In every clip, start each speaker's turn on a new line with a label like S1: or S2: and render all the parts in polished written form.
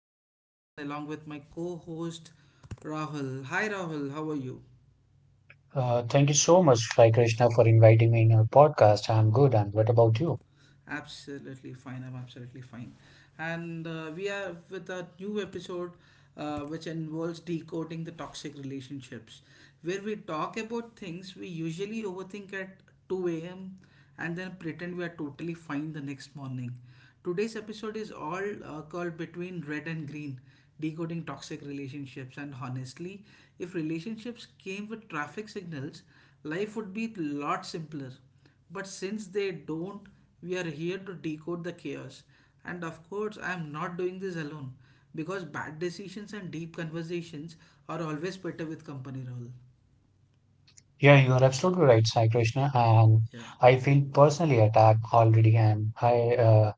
S1: as your host, and along with my co-host Rahul. Hi, Rahul. How are you?
S2: Thank you so much, Sai Krishna, for inviting me in your podcast. I'm good. And what about you?
S1: Absolutely fine. I'm absolutely fine. And we are with a new episode, which involves decoding the toxic relationships. Where we talk about things we usually overthink at 2 a.m. and then pretend we are totally fine the next morning. Today's episode is all called Between Red and Green, Decoding Toxic Relationships. And honestly, if relationships came with traffic signals, life would be a lot simpler. But since they don't, we are here to decode the chaos. And of course, I am not doing this alone, because bad decisions and deep conversations are always better with company role.
S2: Yeah, you are absolutely right, Sai Krishna. And
S1: Yeah,
S2: I feel personally attacked already. And I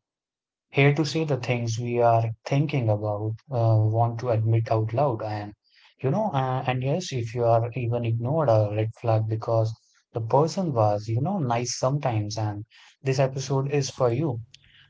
S2: here to say the things we are thinking about, want to admit out loud. And and yes, if you are even ignored a red flag because the person was, you know, nice sometimes. And this episode is for you.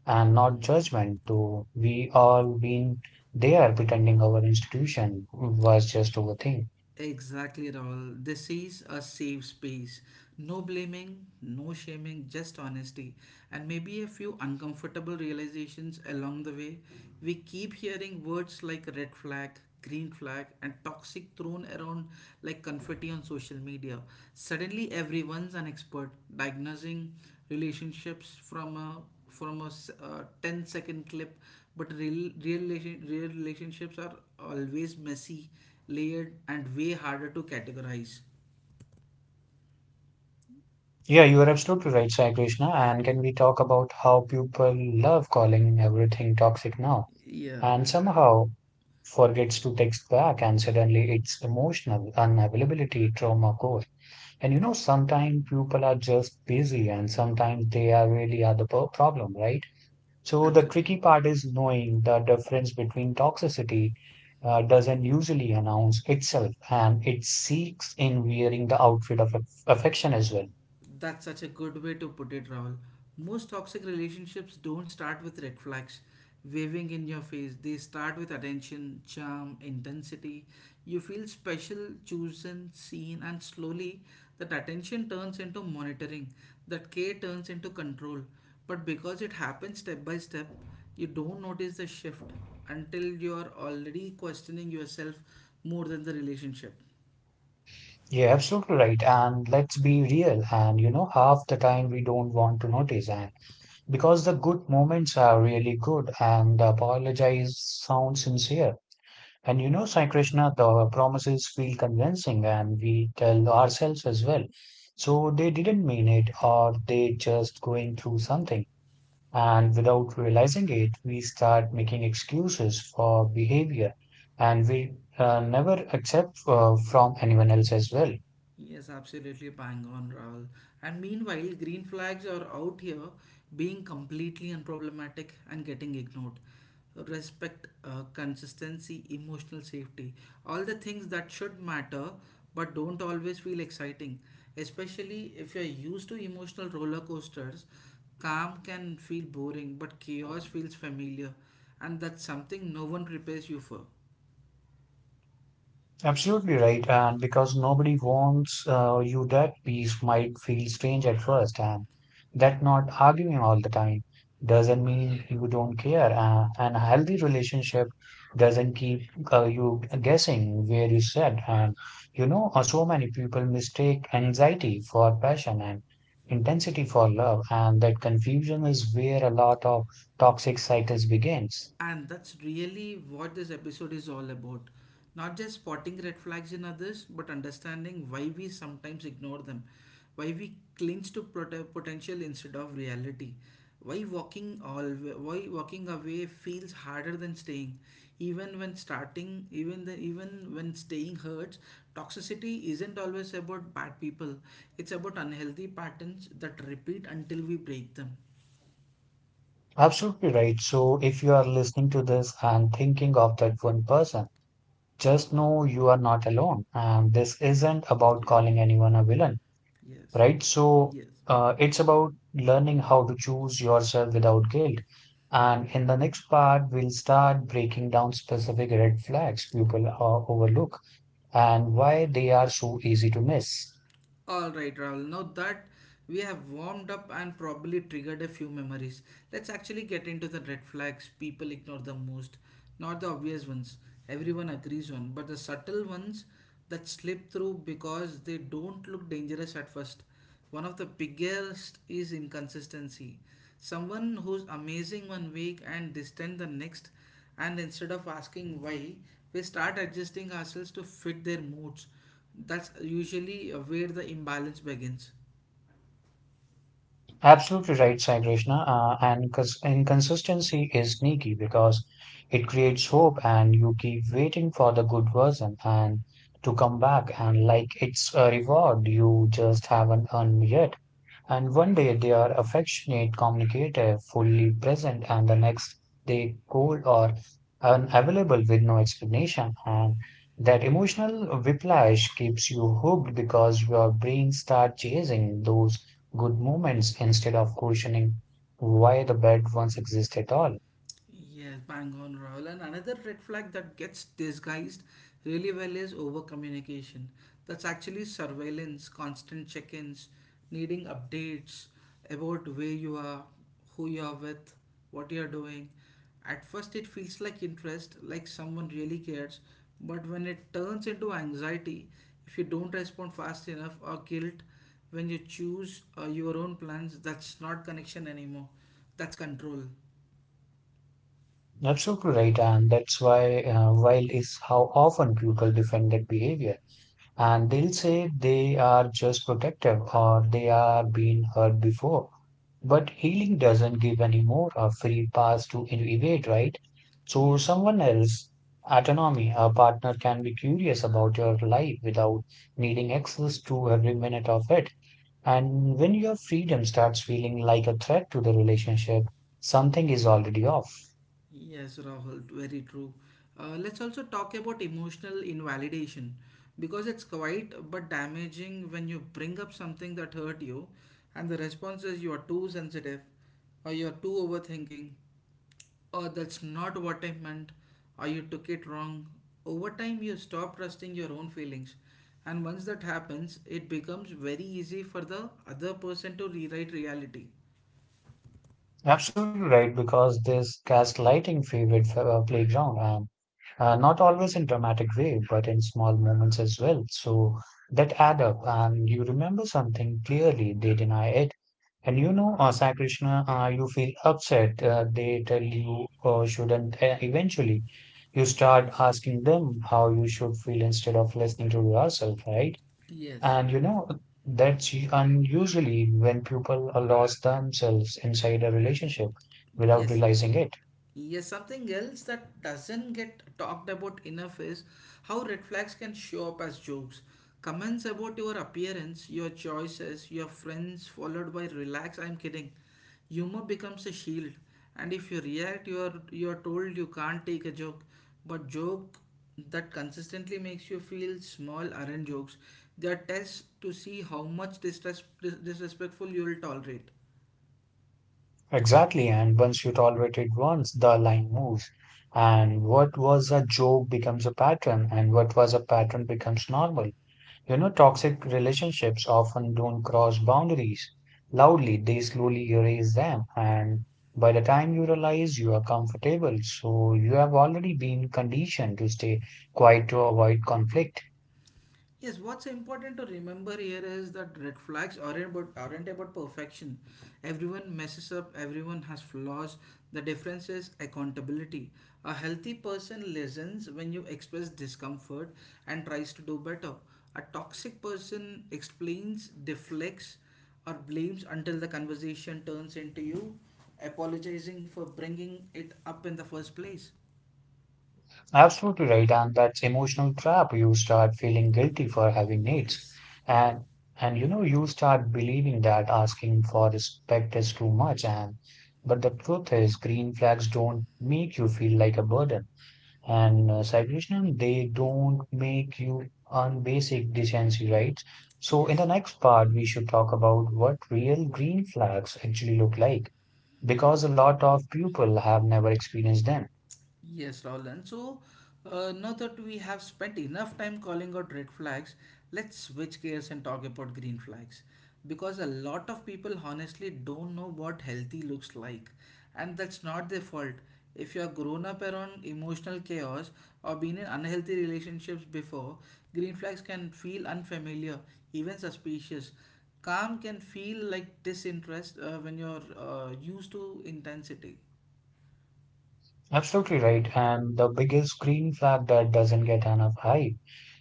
S2: And not judgment too. We all been there pretending our institution was just our thing.
S1: exactly, Rahul. This is a safe space. No blaming, no shaming, just honesty. And maybe a few uncomfortable realizations along the way. We keep hearing words like red flag, green flag, and toxic thrown around like confetti on social media. Suddenly, everyone's an expert diagnosing relationships from a from a 10-second clip, but real relationships are always messy, layered, and way harder to categorize.
S2: Yeah, you are absolutely right, Sai Krishna. And can we talk about how people love calling everything toxic now
S1: Yeah,
S2: and somehow forgets to text back and suddenly it's emotional unavailability trauma core. And you know, sometimes people are just busy and sometimes they are really are the problem, right? So the
S1: absolutely.
S2: tricky part is knowing the difference between toxicity doesn't usually announce itself and it seeks in wearing the outfit of affection as well.
S1: That's such a good way to put it, Rahul. Most toxic relationships don't start with red flags waving in your face. They start with attention, charm, intensity. You feel special, chosen, seen, and slowly that attention turns into monitoring, that care turns into control. But because it happens step by step, you don't notice the shift until you are already questioning yourself more than the relationship.
S2: Yeah, absolutely right. And let's be real. And you know, half the time we don't want to notice. And because the good moments are really good and the apologize sounds sincere. And you know, Sai Krishna, the promises feel convincing and we tell ourselves as well. So they didn't mean it or they just going through something. And without realizing it, we start making excuses for behavior and we never accept from anyone else as well.
S1: Yes, absolutely bang on, Rahul. And meanwhile, green flags are out here being completely unproblematic and getting ignored. Respect, consistency, emotional safety, all the things that should matter but don't always feel exciting. Especially if you're used to emotional roller coasters, calm can feel boring, but chaos feels familiar. And that's something no one prepares you for.
S2: Absolutely right. And because nobody wants you, that piece might feel strange at first. And that not arguing all the time doesn't mean you don't care. And a healthy relationship doesn't keep you guessing where you sit. And so many people mistake anxiety for passion and intensity for love. And that confusion is where a lot of toxic cycles begins.
S1: And that's really what this episode is all about. Not just spotting red flags in others, but understanding why we sometimes ignore them, why we cling to potential instead of reality, why walking all why walking away feels harder than staying, even when starting, even the even when staying hurts. Toxicity isn't always about bad people; it's about unhealthy patterns that repeat until we break them.
S2: Absolutely right. So if you are listening to this and thinking of that one person, just know you are not alone. And this isn't about
S1: Yeah.
S2: calling anyone a villain,
S1: Yes.
S2: right? So
S1: Yes.
S2: it's about learning how to choose yourself without guilt. And in the next part, we'll start breaking down specific red flags people overlook and why they are so easy to miss.
S1: All right, Rahul. Now that we have warmed up and probably triggered a few memories, let's actually get into the red flags people ignore the most. Not the obvious ones everyone agrees on, but the subtle ones that slip through because they don't look dangerous at first. One of the biggest is inconsistency. Someone who's amazing 1 week and distant the next, and instead of asking why, we start adjusting ourselves to fit their moods. That's usually where the imbalance begins.
S2: Absolutely right, Sai Krishna. And inconsistency is sneaky because it creates hope and you keep waiting for the good version and to come back and like it's a reward you just haven't earned yet. And one day they are affectionate, communicative, fully present, and the next they cold or unavailable with no explanation. And that emotional whiplash keeps you hooked because your brain starts chasing those good moments instead of questioning why the bad ones exist at all.
S1: Yes, bang on, Rahul. And another red flag that gets disguised really well is over communication. That's actually surveillance, constant check ins, needing updates about where you are, who you are with, what you are doing. At first, it feels like interest, like someone really cares, but when it turns into anxiety, if you don't respond fast enough, or guilt, when you choose your own plans, that's not connection anymore. That's control.
S2: Absolutely right, and that's why while is how often people defend that behavior. And they'll say they are just protective or they are being hurt before. But healing doesn't give anymore a free pass to evade, right? So
S1: Yes.
S2: someone else, autonomy, a partner can be curious about your life without needing access to every minute of it. And when your freedom starts feeling like a threat to the relationship, something is already off.
S1: Yes, Rahul, very true. Let's also talk about emotional invalidation, because it's quite but damaging. When you bring up something that hurt you and the response is, you are too sensitive, or you are too overthinking, or that's not what I meant, or you took it wrong. Over time, you stop trusting your own feelings, and once that happens, it becomes very easy for the other person to rewrite reality.
S2: Absolutely right, because this gaslighting favorite playground. And not always in dramatic way, but in small moments as well. So that add up, and you remember something clearly. They deny it, and Sai Krishna, you feel upset. They tell you shouldn't. Eventually, you start
S1: Yes.
S2: asking them how you should feel instead of listening to yourself, right?
S1: Yes.
S2: And you know, that's unusually when people are lost themselves inside a relationship without
S1: Yes.
S2: realizing it.
S1: Yes, something else that doesn't get talked about enough is how red flags can show up as jokes. Comments about your appearance, your choices, your friends, followed by, relax, I'm kidding. Humor becomes a shield, and if you react, you are told you can't take a joke. But joke that consistently makes you feel small aren't jokes. They are tests to see how much disrespectful you will tolerate.
S2: Exactly, and once you tolerate it once, the line moves. And what was a joke becomes a pattern, and what was a pattern becomes normal. You know, toxic relationships often don't cross boundaries loudly, they slowly erase them. And by the time you realize you are comfortable, so you have already been conditioned to stay quiet to avoid conflict.
S1: Yes, what's important to remember here is that red flags aren't about perfection. Everyone messes up, everyone has flaws. The difference is accountability. A healthy person listens when you express discomfort and tries to do better. A toxic person explains, deflects, or blames until the conversation turns into you apologizing for bringing it up in the first place.
S2: Absolutely right, and that's emotional trap. You start feeling guilty for having needs,
S1: Yes,
S2: and and you know you start believing that asking for respect is too much. And but the truth is, green flags don't make you feel like a burden, and psychological they don't make you earn basic decency rights. So in the
S1: yes.
S2: next part, we should talk about what real green flags actually look like, because a lot of people have never experienced them.
S1: Yes, Roland. So, now that we have spent enough time calling out red flags, let's switch gears and talk about green flags. Because a lot of people honestly don't know what healthy looks like, and that's not their fault. If you are grown up around emotional chaos or been in unhealthy relationships before, green flags can feel unfamiliar, even suspicious. Calm can feel like disinterest when you're used to intensity.
S2: Absolutely right. And the biggest green flag that doesn't get enough hype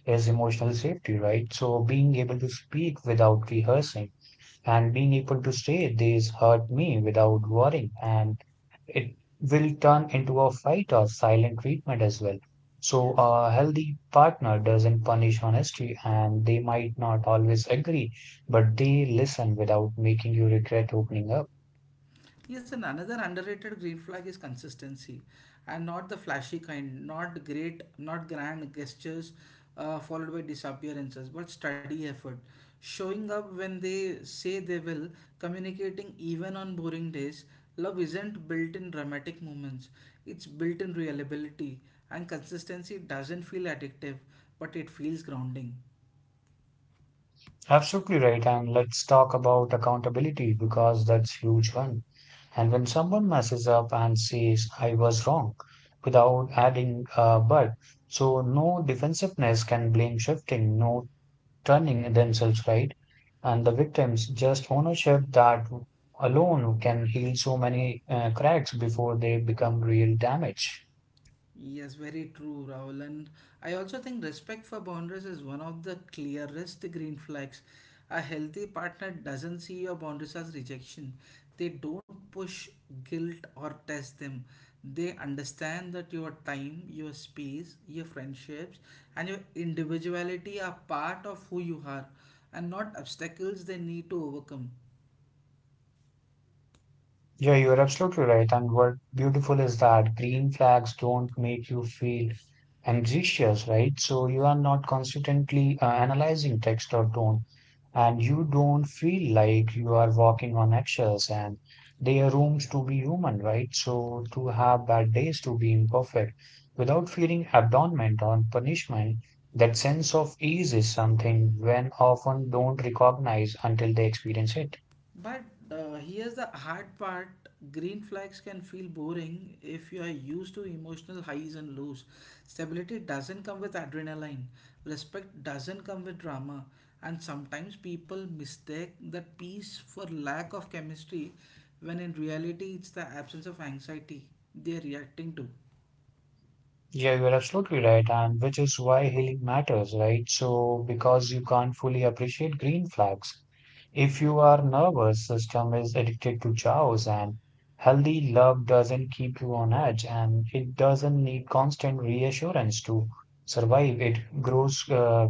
S2: is emotional safety, right? So being able to speak without rehearsing and being able to say this hurt me without worrying and it will turn into a fight or silent treatment as well. So
S1: Yes.
S2: a healthy partner doesn't punish honesty and they might not always agree, but they listen without making you regret opening up.
S1: Yes, and another underrated green flag is consistency, and not the flashy kind, not grand gestures, followed by disappearances, but steady effort, showing up when they say they will, communicating even on boring days. Love isn't built in dramatic moments; it's built in reliability, and consistency doesn't feel addictive, but it feels grounding.
S2: Absolutely right. And let's talk about accountability because that's huge one. And when someone messes up and says, I was wrong, without adding a but, so no defensiveness can blame shifting, no turning themselves right. And the victims, just ownership that alone can heal so many cracks before they become real damage.
S1: Yes, very true, Rahul. And I also think respect for boundaries is one of the clearest green flags. A healthy partner doesn't see your boundaries as rejection. They don't push guilt or test them. They understand that your time, your space, your friendships, and your individuality are part of who you are and not obstacles they need to overcome.
S2: Yeah, you're absolutely right. And what beautiful is that green flags don't make you feel anxious, right? So you are not constantly analyzing text or tone, and you don't feel like you are walking on eggshells. And they are rooms to be human, right? So to
S1: Yeah.
S2: have bad days, to be imperfect, without feeling abandonment or punishment. That sense of ease is something when often don't recognize until they experience it.
S1: But here's the hard part, green flags can feel boring if you are used to emotional highs and lows. Stability doesn't come with adrenaline, respect doesn't come with drama, and sometimes people mistake that peace for lack of chemistry when in reality it's the absence of anxiety they're reacting to.
S2: Yeah, you're absolutely right, and which is why healing matters, right? So, because you can't fully appreciate green flags. If you are nervous system is addicted to chaos and healthy love doesn't keep you on edge and it doesn't need constant reassurance to survive. It grows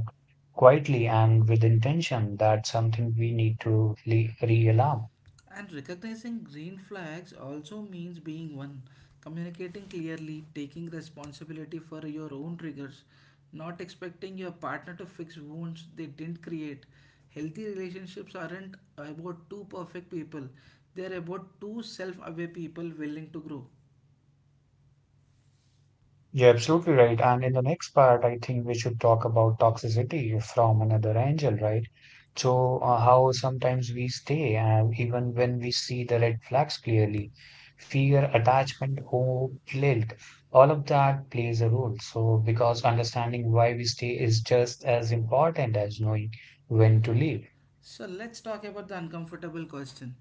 S2: quietly and with intention. That's something we need to realign.
S1: And recognizing green flags also means being one, communicating clearly, taking responsibility for your own triggers, not expecting your partner to fix wounds they didn't create. Healthy relationships aren't about two perfect people, they're about two self aware people willing to grow.
S2: You're absolutely right. And in the next part, I think we should talk about toxicity from another angle, right? So, how sometimes we stay, and even when we see the red flags clearly, fear, attachment, hope, guilt, all of that plays a role. So, because understanding why we stay is just as important as knowing when to leave.
S1: So let's talk about the uncomfortable question.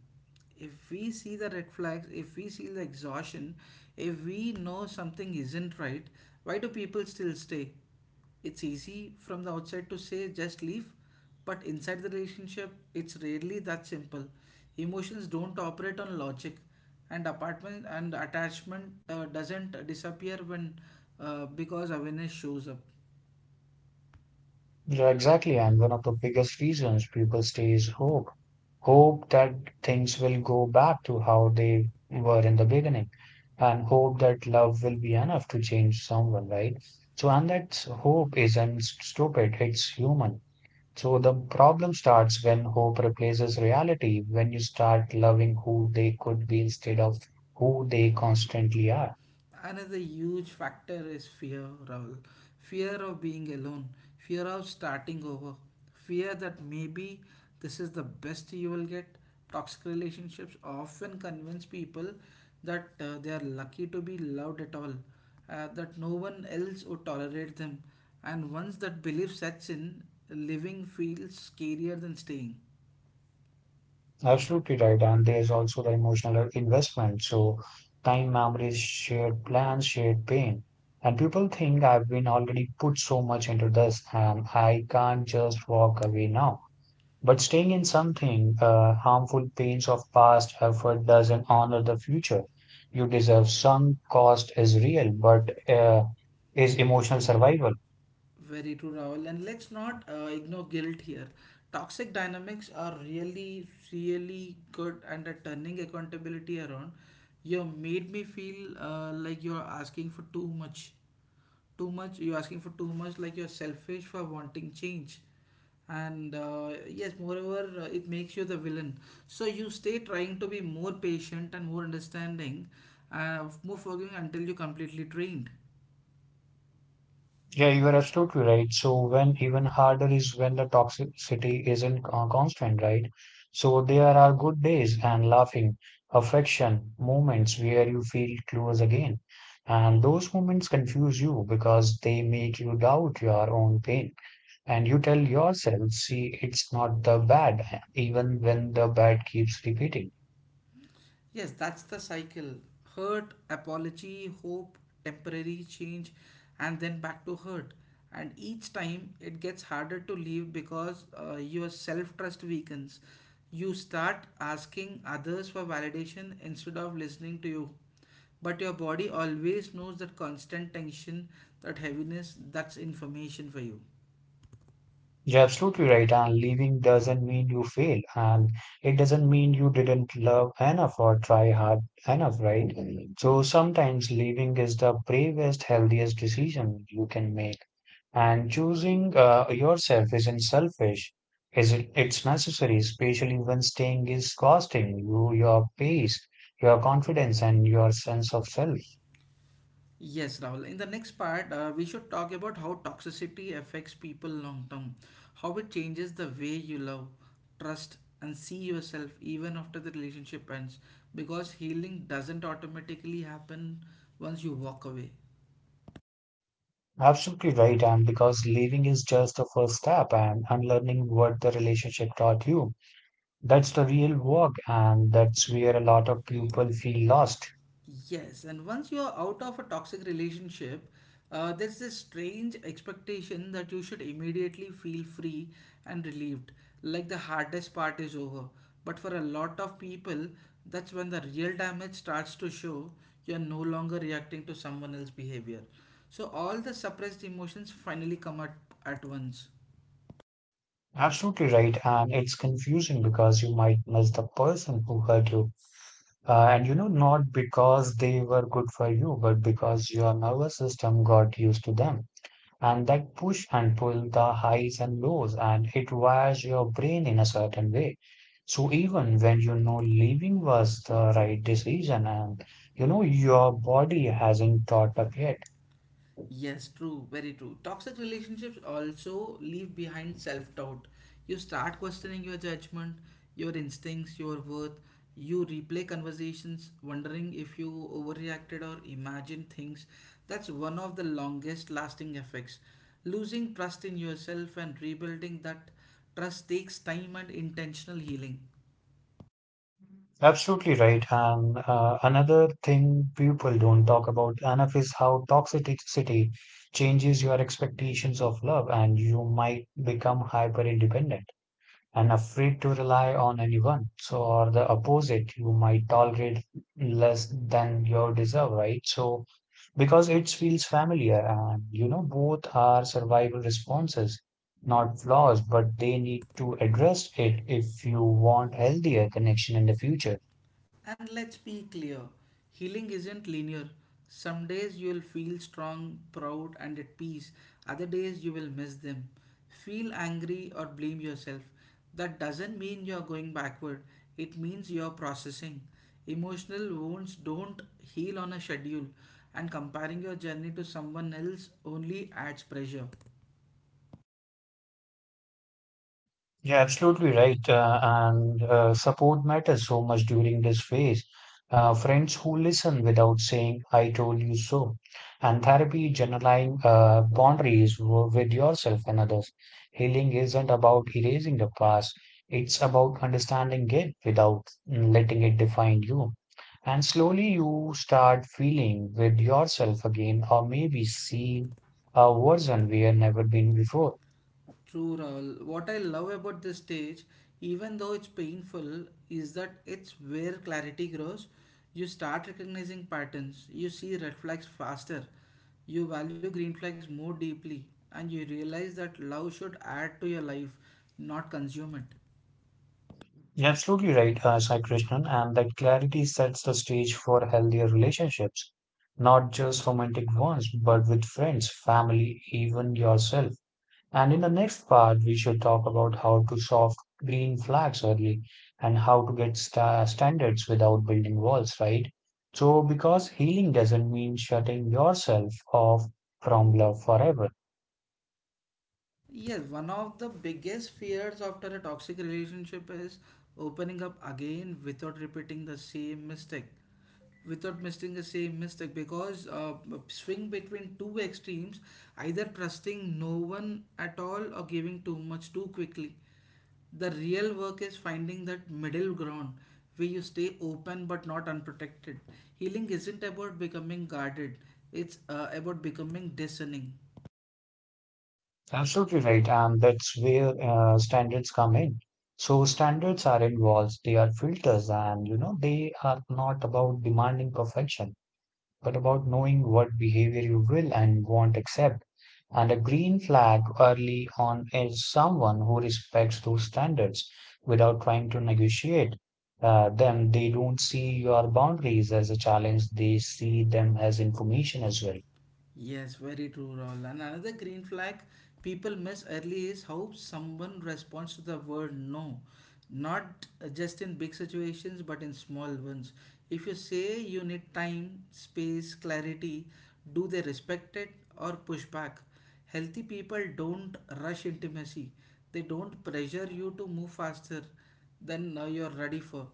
S1: If we see the red flags, if we see the exhaustion, if we know something isn't right, why do people still stay? It's easy from the outside to say just leave, but inside the relationship, it's rarely that simple. Emotions don't operate on logic, and apartment and attachment doesn't disappear when because awareness shows up.
S2: Yeah, exactly. And one of the biggest reasons people stay is hope. Hope that things will go back to how they were in the beginning and hope that love will be enough to change someone, right? So, and that hope isn't stupid, it's human. So, the problem starts when hope replaces reality, when you start loving who they could be instead of who they constantly are.
S1: Another huge factor is fear, Rahul. Fear of being alone, fear of starting over, fear that maybe this is the best you will get. Toxic relationships often convince people that they are lucky to be loved at all, that no one else would tolerate them, and once that belief sets in, living feels scarier than staying.
S2: Absolutely right. And there's also the emotional investment. So, time, memories, shared plans, shared pain. And people think I've been already put so much into this and I can't just walk away now. But staying in something, harmful pains of past effort doesn't honor the future you deserve. Sunk cost is real, but is emotional survival.
S1: Very true, Rahul. And let's not ignore guilt here. Toxic dynamics are really, really good and are turning accountability around. You made me feel like you're asking for too much. Like you're selfish for wanting change. And yes, moreover, it makes you the villain. So you stay trying to be more patient and more understanding, more forgiving, until you're completely drained.
S2: Yeah, you are absolutely right. So when even harder is when the toxicity isn't constant, right? So there are good days and laughing, affection, moments where you feel close again. And those moments confuse you because they make you doubt your own pain. And you tell yourself, see, it's not the bad, even when the bad keeps repeating.
S1: Yes, that's the cycle. Hurt, apology, hope, temporary change, and then back to hurt. And each time it gets harder to leave because your self trust weakens. You start asking others for validation instead of listening to you. But your body always knows, that constant tension, that heaviness, that's information for you.
S2: You're absolutely right. And leaving doesn't mean you fail, and it doesn't mean you didn't love enough or try hard enough, right? Mhm. So sometimes leaving is the bravest, healthiest decision you can make. And choosing yourself isn't selfish. Is it? It's necessary, especially when staying is costing you your peace, your confidence, and your sense of self.
S1: Yes, Rahul. In the next part, we should talk about how toxicity affects people long term, how it changes the way you love, trust, and see yourself even after the relationship ends, because healing doesn't automatically happen once you walk away.
S2: Absolutely right. And because leaving is just the first step and unlearning what the relationship taught you, that's the real work. And that's where a lot of people feel lost.
S1: Yes, and once you are out of a toxic relationship, there's this strange expectation that you should immediately feel free and relieved, like the hardest part is over. But for a lot of people, that's when the real damage starts to show. You're no longer reacting to someone else's behavior. So all the suppressed emotions finally at once.
S2: Absolutely right. And it's confusing because you might miss the person who hurt you. And you know, not because they were good for you, but because your nervous system got used to them. And that push and pull the highs and lows and it wires your brain in a certain way. So even when you know leaving was the right decision and you know your body hasn't thought up yet.
S1: Yes, true, very true. Toxic relationships also leave behind self doubt. You start questioning your judgment, your instincts, your worth. You replay conversations, wondering if you overreacted or imagined things. That's one of the longest lasting effects. Losing trust in yourself, and rebuilding that trust takes time and intentional healing.
S2: Absolutely right. And another thing people don't talk about enough is how toxicity changes your expectations of love and you might become hyper independent. And afraid to rely on anyone. So, or the opposite, you might tolerate less than you deserve, right? So, because it feels familiar, and you know, both are survival responses, not flaws, but they need to address it if you want healthier connection in the future.
S1: And let's be clear, healing isn't linear. Some days you'll feel strong, proud, and at peace, other days you will miss them. Feel angry or blame yourself. That doesn't mean you're going backward, it means you're processing. Emotional wounds don't heal on a schedule, and comparing your journey to someone else only adds pressure.
S2: Yeah, absolutely right. And support matters so much during this phase. Friends who listen without saying, I told you so. And therapy, journaling, boundaries with yourself and others. Healing isn't about erasing the past, it's about understanding it without letting it define you. And slowly you start feeling with yourself again, or maybe seeing a version we have never been before.
S1: True, Rahul. What I love about this stage, even though it's painful, is that it's where clarity grows. You start recognizing patterns, you see red flags faster, you value green flags more deeply, and you realize that love should add to your life, not consume it.
S2: You're absolutely right, Sai Krishnan, and that clarity sets the stage for healthier relationships, not just romantic ones, but with friends, family, even yourself. And in the next part, we should talk about how to solve green flags early and how to get standards without building walls, right? So, because healing doesn't mean shutting yourself off from love forever.
S1: Yes, one of the biggest fears after a toxic relationship is opening up again without repeating the same mistake. Without making the same mistake because swing between two extremes, either trusting no one at all or giving too much too quickly. The real work is finding that middle ground where you stay open but not unprotected. Healing isn't about becoming guarded, it's about becoming discerning.
S2: Absolutely right, and that's where standards come in. So standards are involved, they are filters, and you know they are not about demanding perfection, but about knowing what behavior you will and won't accept. And a green flag early on is someone who respects those standards without trying to negotiate them. They don't see your boundaries as a challenge, they see them as information as well.
S1: Yes, very true, Rahul. And another green flag people miss early is how someone responds to the word no. Not just in big situations, but in small ones. If you say you need time, space, clarity, do they respect it or push back? Healthy people don't rush intimacy, they don't pressure you to move faster than you're ready for.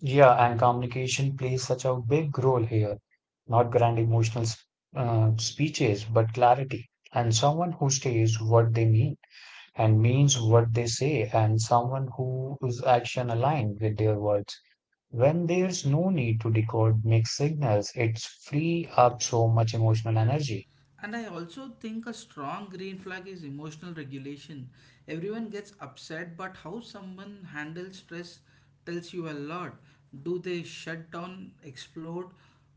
S2: Yeah, and communication plays such a big role here. Not grand emotional speeches, but clarity. And someone who stays what they mean and means what they say, and someone who is action aligned with their words. When there's no need to decode mixed signals, it's free up so much emotional energy.
S1: And I also think a strong green flag is emotional regulation. Everyone gets upset, but how someone handles stress tells you a lot. Do they shut down, explode,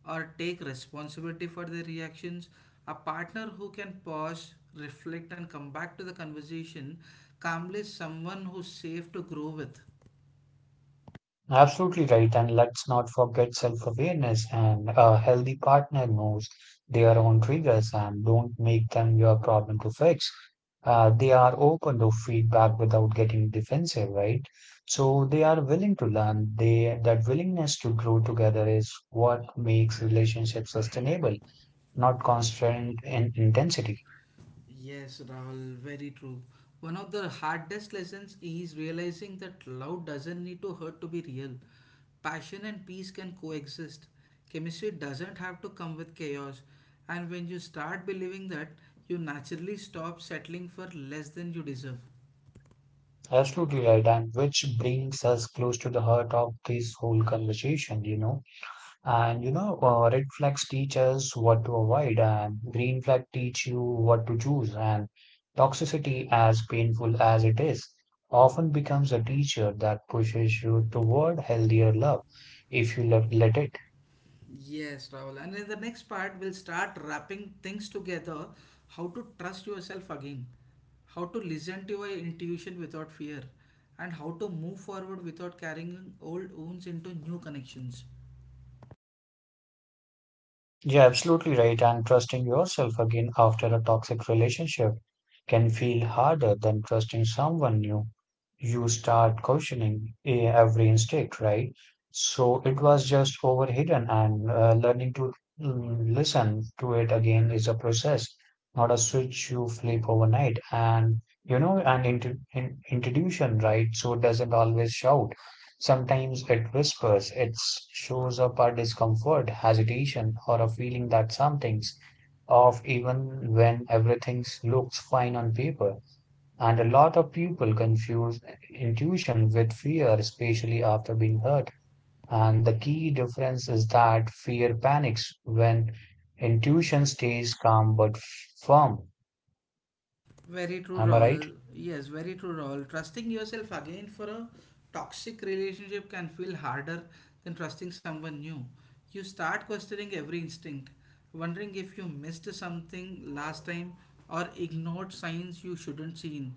S1: or take responsibility for their reactions? A partner who can pause, reflect, and come back to the conversation calmly is someone who's safe to grow with.
S2: Absolutely right. And let's not forget self-awareness and a healthy partner knows their own triggers and don't make them your problem to fix. They are open to feedback without getting defensive, right? So they are willing to learn. They That willingness to grow together is what makes relationships sustainable, not constant in intensity.
S1: Yes, Rahul, very true. One of the hardest lessons is realizing that love doesn't need to hurt to be real. Passion and peace can coexist. Chemistry doesn't have to come with chaos. And when you start believing that, you naturally stop settling for less than you deserve.
S2: Absolutely right. And which brings us close to the heart of this whole conversation, you know. And you know, red flags teach us what to avoid, and green flag teach you what to choose. And toxicity, as painful as it is, often becomes a teacher that pushes you toward healthier love if let it.
S1: Yes, Rahul. And in the next part, we'll start wrapping things together: how to trust yourself again, how to listen to your intuition without fear, and how to move forward without carrying old wounds into new connections.
S2: You're absolutely right, and trusting yourself again after a toxic relationship can feel harder than trusting someone new. You start questioning every instinct, right? So it was just overhidden, and learning to listen to it again is a process, not a switch you flip overnight. And you know, and int in intuition, right? So it doesn't always shout. Sometimes it whispers, it shows up as discomfort, hesitation, or a feeling that something's off even when everything looks fine on paper. And a lot of people confuse intuition with fear, especially after being hurt. And the key difference is that fear panics when intuition stays calm but firm.
S1: Very true,
S2: Am I right?
S1: Rahul. Yes, very true, Rahul. Trusting yourself again for a toxic relationship can feel harder than trusting someone new. You start questioning every instinct, wondering if you missed something last time or ignored signs you shouldn't seen.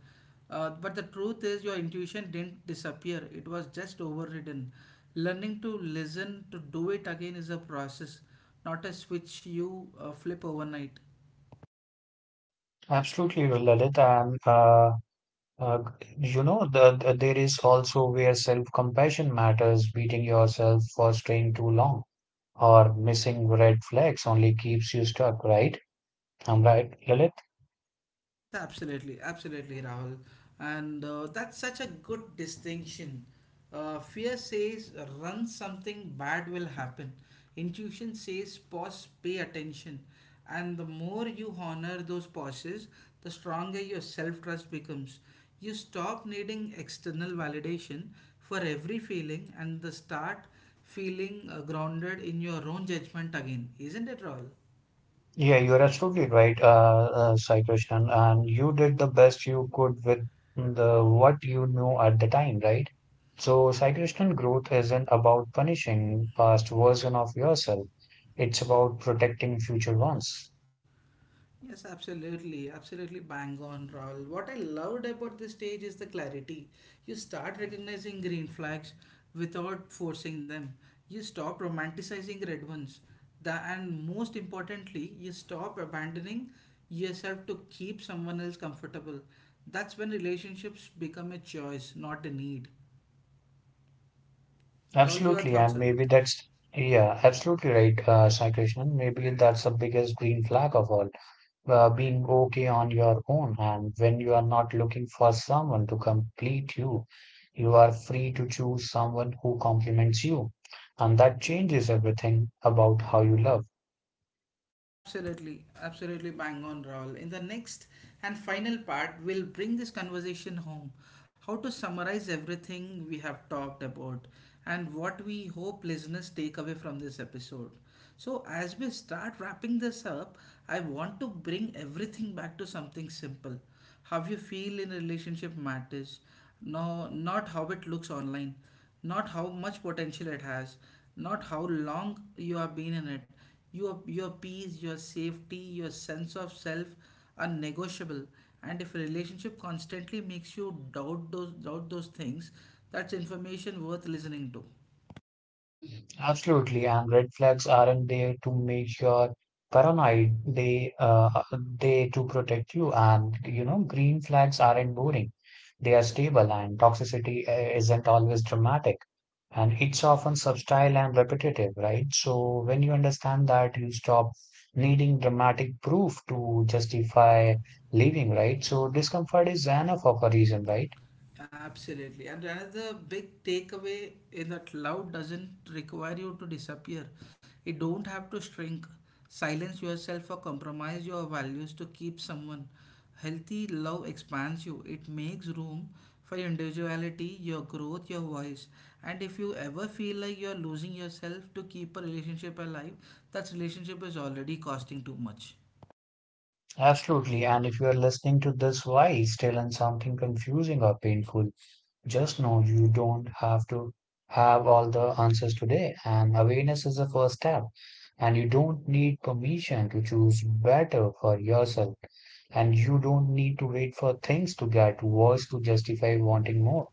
S1: But the truth is, your intuition didn't disappear, it was just overridden. Learning to listen, to do it again, is a process, not a switch you flip overnight.
S2: Absolutely, Lalit. And Uh, you know, there is also where self-compassion matters. Beating yourself for staying too long or missing red flags only keeps you stuck, right? I'm right, Lilith?
S1: Yes, absolutely, absolutely, Rahul. And that's such a good distinction. Fear says run, something bad will happen. Intuition says pause, pay attention. And the more you honor those pauses, the stronger your self trust becomes. You stop needing external validation for every feeling and the start feeling grounded in your own judgment again. Isn't it, Rahul?
S2: Yeah, you're absolutely right, Sai Krishnan. And you did the best you could with the what you knew at the time, right? So, Sai Krishnan, growth isn't about punishing past version of yourself. It's about protecting future ones.
S1: Yes, absolutely, absolutely bang on, Rahul. What I loved about this stage is the clarity. You start recognizing green flags without forcing them. You stop romanticizing red ones. And most importantly, you stop abandoning yourself to keep someone else comfortable. That's when relationships become a choice, not a need. Rahul, your
S2: Absolutely,
S1: thoughts
S2: and
S1: on
S2: maybe
S1: it?
S2: that's yeah, absolutely right, Sai Krishnan. Maybe that's the biggest green flag of all, being okay on your own, and when you are not looking for someone to complete you, you are free to choose someone who complements you, and that changes everything about how you love.
S1: Absolutely, absolutely bang on, Raul. In the next and final part, we'll bring this conversation home. How to summarize everything we have talked about and what we hope listeners take away from this episode. So, as we start wrapping this up, I want to bring everything back to something simple. How you feel in a relationship matters. No, not how it looks online, not how much potential it has, not how long you have been in it. Your peace, your safety, your sense of self are negotiable. And if a relationship constantly makes you doubt those things, that's information worth listening to.
S2: Absolutely, and red flags aren't there to make you paranoid. They to protect you, and you know, green flags aren't boring. They are stable, and toxicity isn't always dramatic, and it's often subtle and repetitive, right? So when you understand that, you stop needing dramatic proof to justify leaving, right? So discomfort is enough of a reason, right?
S1: Absolutely. And another big takeaway is that love doesn't require you to disappear. You don't have to shrink, silence yourself, or compromise your values to keep someone. Healthy love expands you, it makes room for your individuality, your growth, your voice. And if you ever feel like you're losing yourself to keep a relationship alive, that relationship is already costing too much.
S2: Absolutely, and if you are listening to this while still in something confusing or painful. Just know you don't have to have all the answers today, and awareness is the first step. And you don't need permission to choose better for yourself, and you don't need to wait for things to get worse to justify wanting more.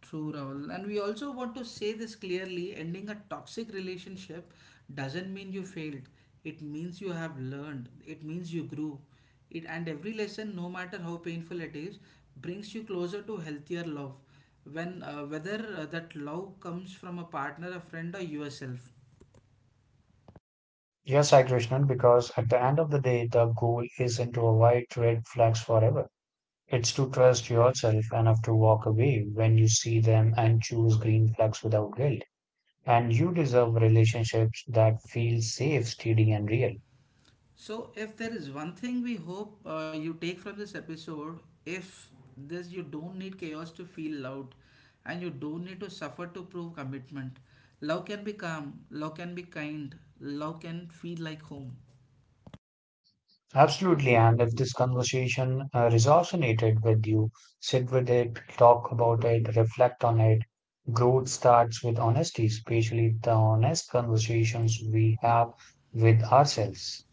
S1: True, Rahul. And we also want to say this clearly: ending a toxic relationship doesn't mean you failed. It means you have learned. It means you grew. It and every lesson, no matter how painful it is, brings you closer to healthier love. When whether that love comes from a partner, a friend, or yourself.
S2: Yes, I Krishnan, because at the end of the day, the goal isn't to avoid red flags forever. It's to trust yourself enough to walk away when you see them and choose green flags without guilt. And you deserve relationships that feel safe, steady, and real.
S1: So, if there is one thing we hope you take from this episode, if this, you don't need chaos to feel loved, and you don't need to suffer to prove commitment. Love can be calm, love can be kind, love can feel like home.
S2: Absolutely. And if this conversation resonated with you, sit with it, talk about it, reflect on it. Growth starts with honesty, especially the honest conversations we have with ourselves.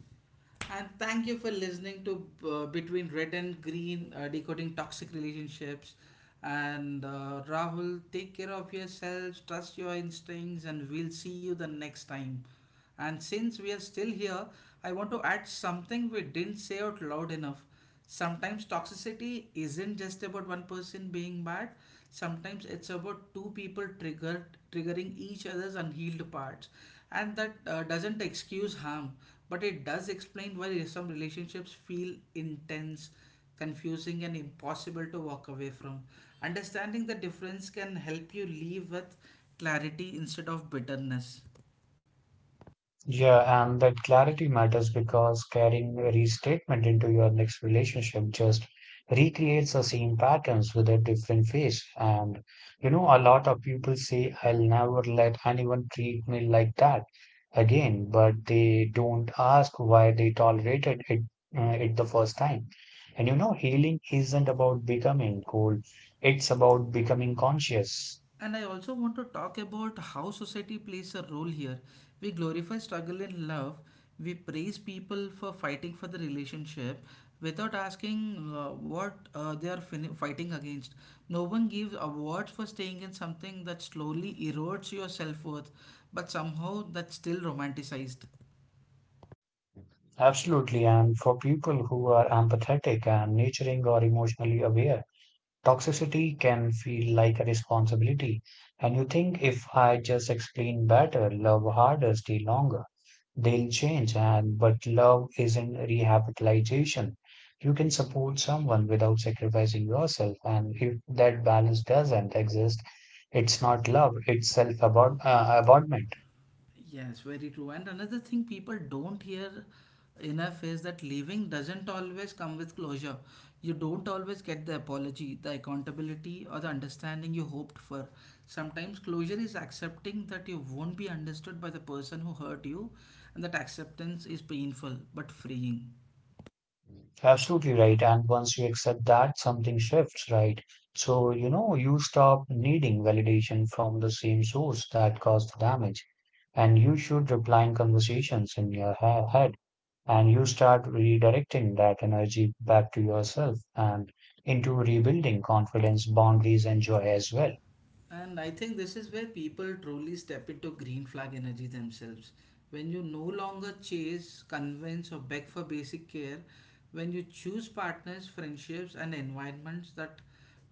S1: And thank you for listening to Between Red and Green, Decoding Toxic Relationships. And Rahul, take care of yourselves, trust your instincts, and we'll see you the next time. And since we are still here, I want to add something we didn't say out loud enough. Sometimes toxicity isn't just about one person being bad, sometimes it's about two people triggered triggering each other's unhealed parts, and that doesn't excuse harm, but it does explain why some relationships feel intense, confusing and impossible to walk away from. Understanding the difference can help you leave with clarity instead of bitterness.
S2: Yeah, and that clarity matters because carrying a restatement into your next relationship just recreates the same patterns with a different face. And you know, a lot of people say, I'll never let anyone treat me like that again, but they don't ask why they tolerated it, the first time. And you know, healing isn't about becoming cold, it's about becoming conscious.
S1: And I also want to talk about how society plays a role here. We glorify struggle in love, we praise people for fighting for the relationship without asking what they are fighting against. No one gives awards for staying in something that slowly erodes your self worth, but somehow that's still romanticized.
S2: Absolutely. And for people who are empathetic and nurturing or emotionally aware, toxicity can feel like a responsibility. And you think if I just explain better, love harder, stay longer, they'll change. And but love isn't rehabilitation. You can support someone without sacrificing yourself. And if that balance doesn't exist, it's not love, it's self-abandonment.
S1: Yes, very true. And another thing people don't hear enough is that leaving doesn't always come with closure. You don't always get the apology, the accountability, or the understanding you hoped for. Sometimes closure is accepting that you won't be understood by the person who hurt you, and that acceptance is painful but freeing.
S2: Absolutely right. And once you accept that, something shifts, right? So, you know, you stop needing validation from the same source that caused the damage. And you should replying conversations in your head. And you start redirecting that energy back to yourself and into rebuilding confidence, boundaries, and joy as well.
S1: And I think this is where people truly step into green flag energy themselves. When you no longer chase, convince, or beg for basic care, when you choose partners, friendships, and environments that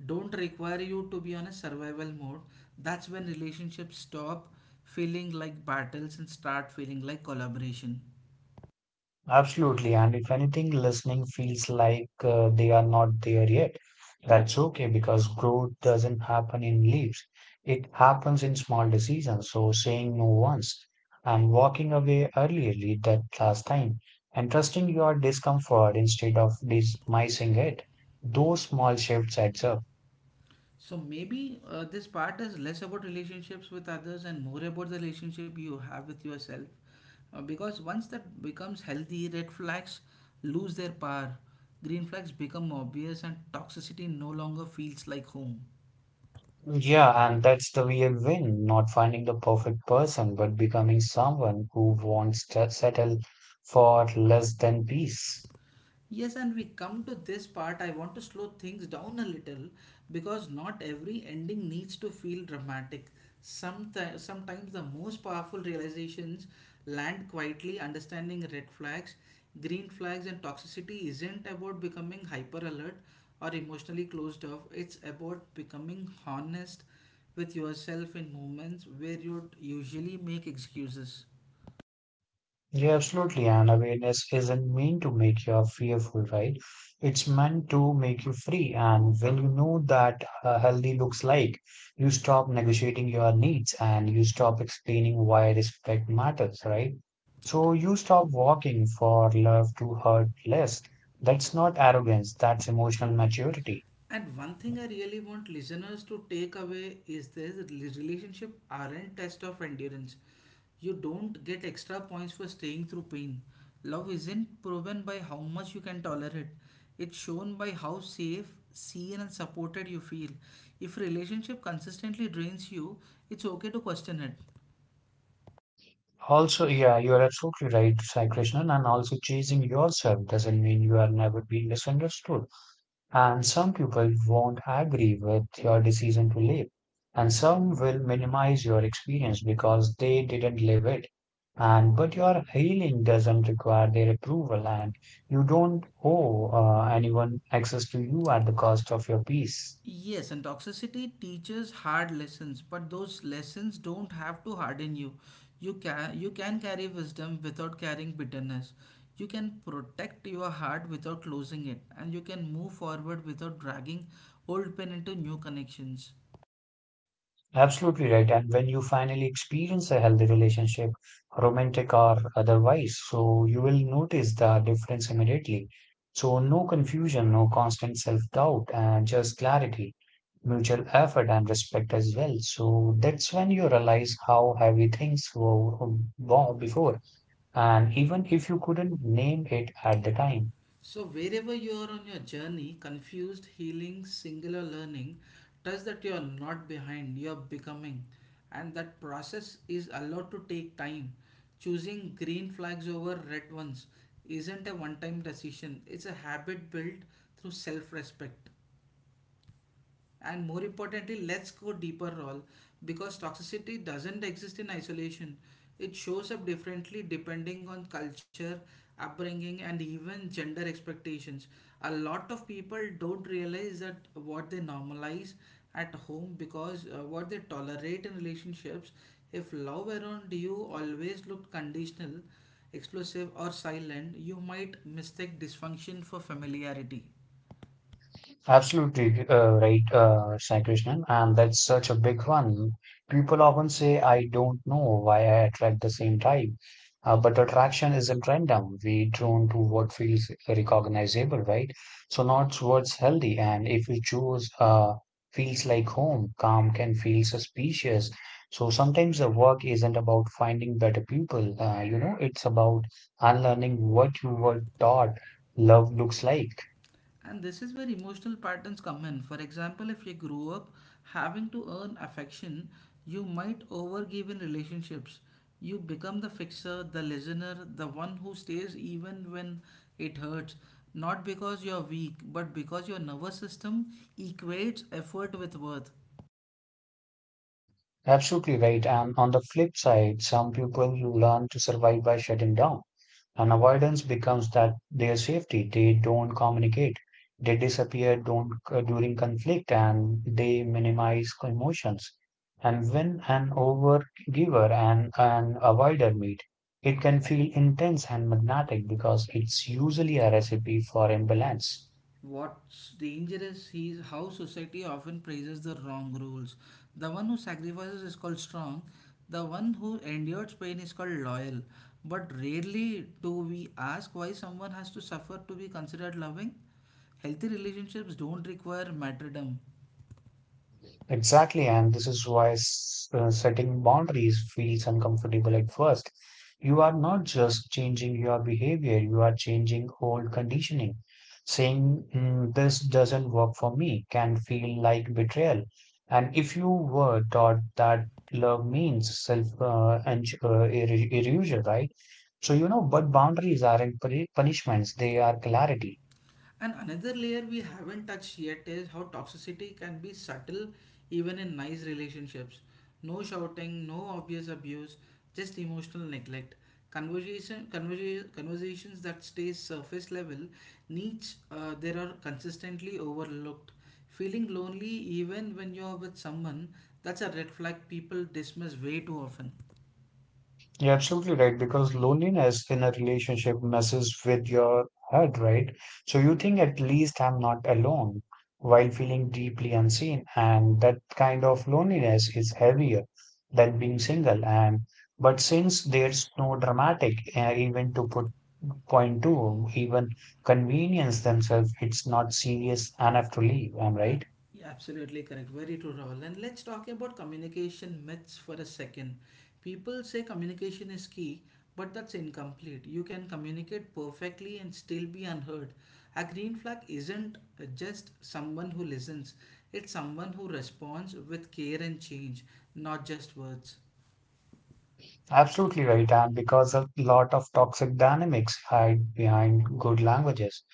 S1: don't require you to be on a survival mode, that's when relationships stop feeling like battles and start feeling like collaboration.
S2: Absolutely. And if anything, listening feels like they are not there yet. That's okay because growth doesn't happen in leaps. It happens in small decisions. So saying no once and walking away earlier that last time and trusting your discomfort instead of dismissing it. Those small shifts adds up.
S1: So maybe this part is less about relationships with others and more about the relationship you have with yourself. Because once that becomes healthy, red flags lose their power, green flags become obvious, and toxicity no longer feels like home.
S2: Yeah, and that's the real win, not finding the perfect person, but becoming someone who wants to settle for less than peace.
S1: Yes, and we come to this part. I want to slow things down a little because not every ending needs to feel dramatic. Sometimes the most powerful realizations land quietly. Understanding red flags, green flags, and toxicity isn't about becoming hyper alert or emotionally closed off. It's about becoming honest with yourself in moments where you'd usually make excuses.
S2: Yeah, absolutely. And awareness isn't meant to make you fearful, right? It's meant to make you free. And when you know that healthy looks like, you stop negotiating your needs and you stop explaining why respect matters, right? So you stop walking for love to hurt less. That's not arrogance, that's emotional maturity.
S1: And one thing I really want listeners to take away is this, that relationship aren't test of endurance. You don't get extra points for staying through pain. Love isn't proven by how much you can tolerate. It's shown by how safe, seen and supported you feel. If relationship consistently drains you, it's okay to question it.
S2: Also, yeah, you are absolutely right, Sai Krishnan, and also chasing yourself doesn't mean you are never being misunderstood. And some people won't agree with your decision to leave. And some will minimize your experience because they didn't live it. And but your healing doesn't require their approval, and you don't owe anyone access to you at the cost of your peace.
S1: Yes, and toxicity teaches hard lessons, but those lessons don't have to harden you. You can carry wisdom without carrying bitterness. You can protect your heart without closing it, and you can move forward without dragging old pain into new connections.
S2: Absolutely right. And when you finally experience a healthy relationship, romantic or otherwise, so you will notice the difference immediately. So, no confusion, no constant self doubt, and just clarity, mutual effort, and respect as well. So, that's when you realize how heavy things were before, and even if you couldn't name it at the time.
S1: So, wherever you are on your journey, confused, healing, singular learning, trust that you are not behind, you are becoming. And that process is allowed to take time. Choosing green flags over red ones isn't a one time decision, it's a habit built through self respect. And more importantly, let's go deeper role, because toxicity doesn't exist in isolation. It shows up differently depending on culture, upbringing and even gender expectations. A lot of people don't realize that what they normalize at home because what they tolerate in relationships. If love around you always looked conditional, explosive or silent, you might mistake dysfunction for familiarity.
S2: Absolutely right, Sai Krishnan, and that's such a big one. People often say, I don't know why I attract the same type, but attraction isn't random. We drawn to what feels recognizable, right? So not what's healthy, and if we choose feels like home, calm can feel suspicious. So sometimes the work isn't about finding better people, you know, it's about unlearning what you were taught love looks like.
S1: And this is where emotional patterns come in. For example, if you grew up having to earn affection, you might overgive in relationships. You become the fixer, the listener, the one who stays even when it hurts. Not because you're weak, but because your nervous system equates effort with worth.
S2: Absolutely right. And on the flip side, some people you learn to survive by shutting down. And avoidance becomes that their safety. They don't communicate. They disappear don't, during conflict and they minimize emotions. And when an overgiver and an avoider meet, it can feel intense and magnetic because it's usually a recipe for imbalance.
S1: What's dangerous is how society often praises the wrong rules. The one who sacrifices is called strong, the one who endures pain is called loyal. But rarely do we ask why someone has to suffer to be considered loving. Healthy relationships don't require martyrdom.
S2: Exactly, and this is why setting boundaries feels uncomfortable at first. You are not just changing your behavior, you are changing old conditioning. Saying, this doesn't work for me can feel like betrayal. And if you were taught that love means self and erasure, right? So, you know, but boundaries aren't punishments, they are clarity.
S1: And another layer we haven't touched yet is how toxicity can be subtle even in nice relationships. No shouting, no obvious abuse, just emotional neglect. Conversations that stay surface level, needs there are consistently overlooked. Feeling lonely even when you're with someone, that's a red flag people dismiss way too often.
S2: You're absolutely right because loneliness in a relationship messes with your head, right? So you think at least I'm not alone while feeling deeply unseen. And that kind of loneliness is heavier than being single. And but since there's no dramatic even to put point to, even convenience themselves, it's not serious enough to leave. I'm
S1: Uh,
S2: right.
S1: yeah, absolutely correct. Very true, Rahul. And let's talk about communication myths for a second. People say communication is key, but that's incomplete. You can communicate perfectly and still be unheard. A green flag isn't just someone who listens, it's someone who responds with care and change, not just words.
S2: Absolutely right, and because a lot of toxic dynamics hide behind good languages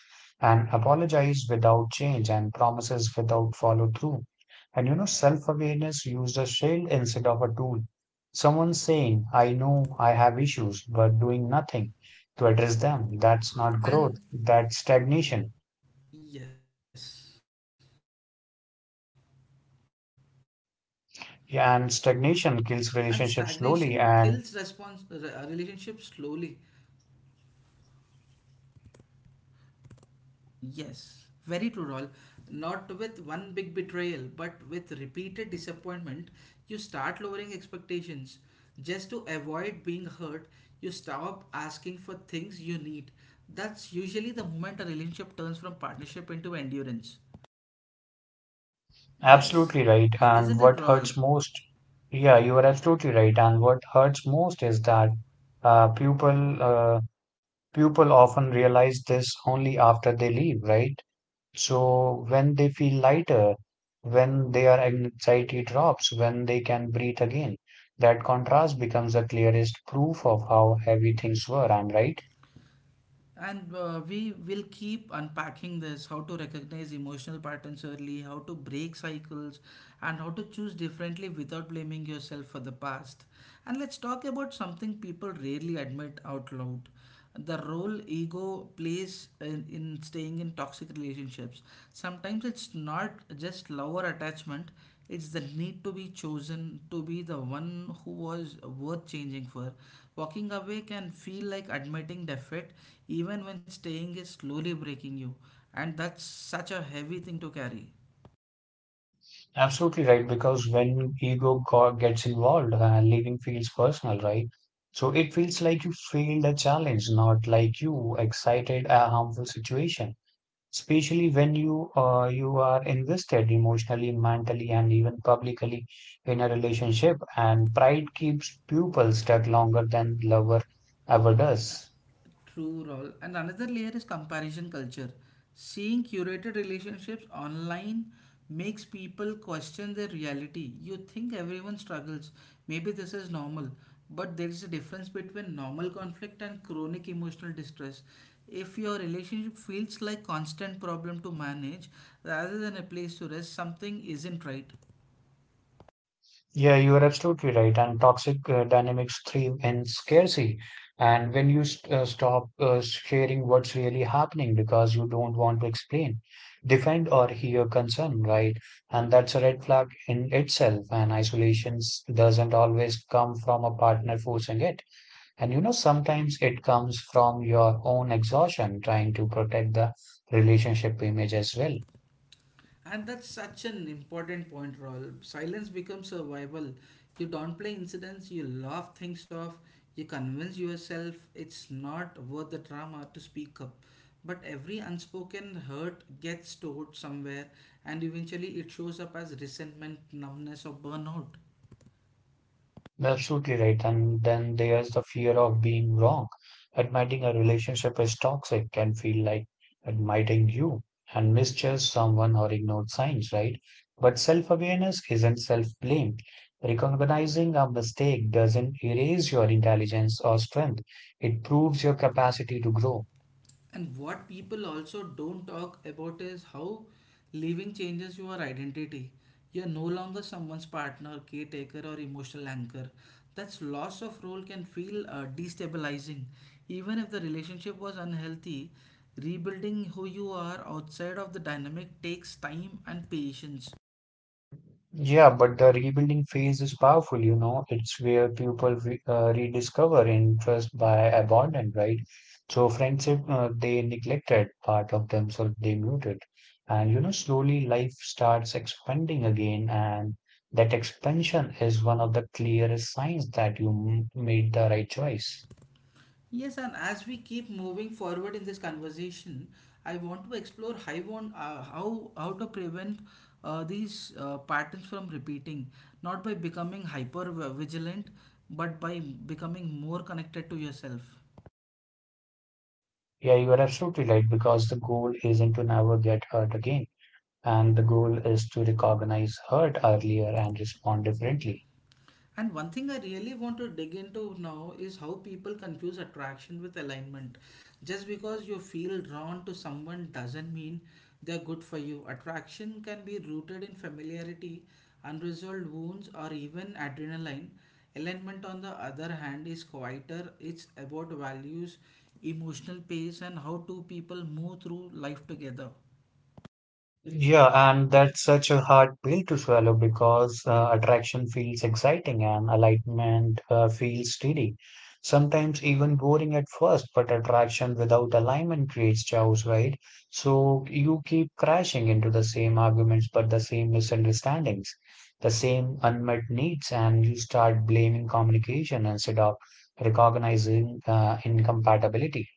S2: and apologize without change and promises without follow through. And you know, self awareness used a shield instead of a tool. Someone saying, I know I have issues, but doing nothing to address them. That's not
S1: And
S2: growth, that's stagnation.
S1: yes, and stagnation kills
S2: Yeah, and
S1: relationships
S2: stagnation
S1: slowly.
S2: kills relationships slowly and
S1: Yes, very true, Royal. Not with one big betrayal, but with repeated disappointment, you start lowering expectations. Just to avoid being hurt, you stop asking for things you need. That's usually the moment a relationship turns from partnership into endurance. Yes,
S2: absolutely right.
S1: isn't it,
S2: And what
S1: Royal?
S2: hurts most, yeah, you are absolutely right. And what hurts most is that uh, people uh, people often realize this only after they leave, right? So when they feel lighter, when their anxiety drops, when they can breathe again, that contrast becomes the clearest proof of how heavy things were. I'm right.
S1: And we will keep unpacking this, how to recognize emotional patterns early, how to break cycles, and how to choose differently without blaming yourself for the past. And let's talk about something people rarely admit out loud, the role ego plays in staying in toxic relationships. Sometimes it's not just lower attachment, it's the need to be chosen, to be the one who was worth changing for. Walking away can feel like admitting defeat, even when staying is slowly breaking you. And that's such a heavy thing to carry.
S2: Absolutely right, because when ego gets involved, leaving feels personal, right? So it feels like you failed a challenge, not like you excited a harmful situation. Especially when you are invested emotionally, mentally, and even publicly in a relationship, and pride keeps people stuck longer than lover ever does.
S1: True role. And another layer is comparison culture. Seeing curated relationships online makes people question their reality. You think everyone struggles. Maybe this is normal. But there is a difference between normal conflict and chronic emotional distress. If your relationship feels like constant problem to manage rather than a place to rest, something isn't right.
S2: Yeah, you are absolutely right. And toxic dynamics thrive in scarcity. And when you st stop sharing what's really happening because you don't want to explain, defend, or hear concern, right? And that's a red flag in itself. And isolation doesn't always come from a partner forcing it. And you know, sometimes it comes from your own exhaustion trying to protect the relationship image as well.
S1: And that's such an important point, Raul. Silence becomes survival. You downplay incidents, you laugh things off, you convince yourself it's not worth the drama to speak up. But every unspoken hurt gets stored somewhere, and eventually it shows up as resentment, numbness, or burnout.
S2: Absolutely right. And then there's the fear of being wrong. Admitting a relationship is toxic can feel like admitting you and misjudge someone or ignored signs, right? But self awareness isn't self blame. Recognizing a mistake doesn't erase your intelligence or strength, it proves your capacity to grow.
S1: And what people also don't talk about is how leaving changes your identity. You're no longer someone's partner, caretaker, or emotional anchor. That's loss of role can feel destabilizing. Even if the relationship was unhealthy, rebuilding who you are outside of the dynamic takes time and patience.
S2: Yeah, but the rebuilding phase is powerful, you know. It's where people re rediscover interest by abandon, right? So friendship, they neglected part of themselves, they muted. And, you know, slowly life starts expanding again. And that expansion is one of the clearest signs that you m made the right choice.
S1: Yes, and as we keep moving forward in this conversation, I want to explore how want, how to prevent these patterns from repeating, not by becoming hyper vigilant, but by becoming more connected to yourself.
S2: Yeah, you are absolutely right because the goal isn't to never get hurt again. And the goal is to recognize hurt earlier and respond differently.
S1: And one thing I really want to dig into now is how people confuse attraction with alignment. Just because you feel drawn to someone doesn't mean they're good for you. Attraction can be rooted in familiarity, unresolved wounds, or even adrenaline. Alignment, on the other hand, is quieter. It's about values, emotional pace, and how two people move through life together.
S2: Yeah, and that's such a hard pill to swallow because attraction feels exciting and alignment feels steady. Sometimes even boring at first, but attraction without alignment creates chaos, right? So you keep crashing into the same arguments, but the same misunderstandings, the same unmet needs, and you start blaming communication instead of recognizing incompatibility.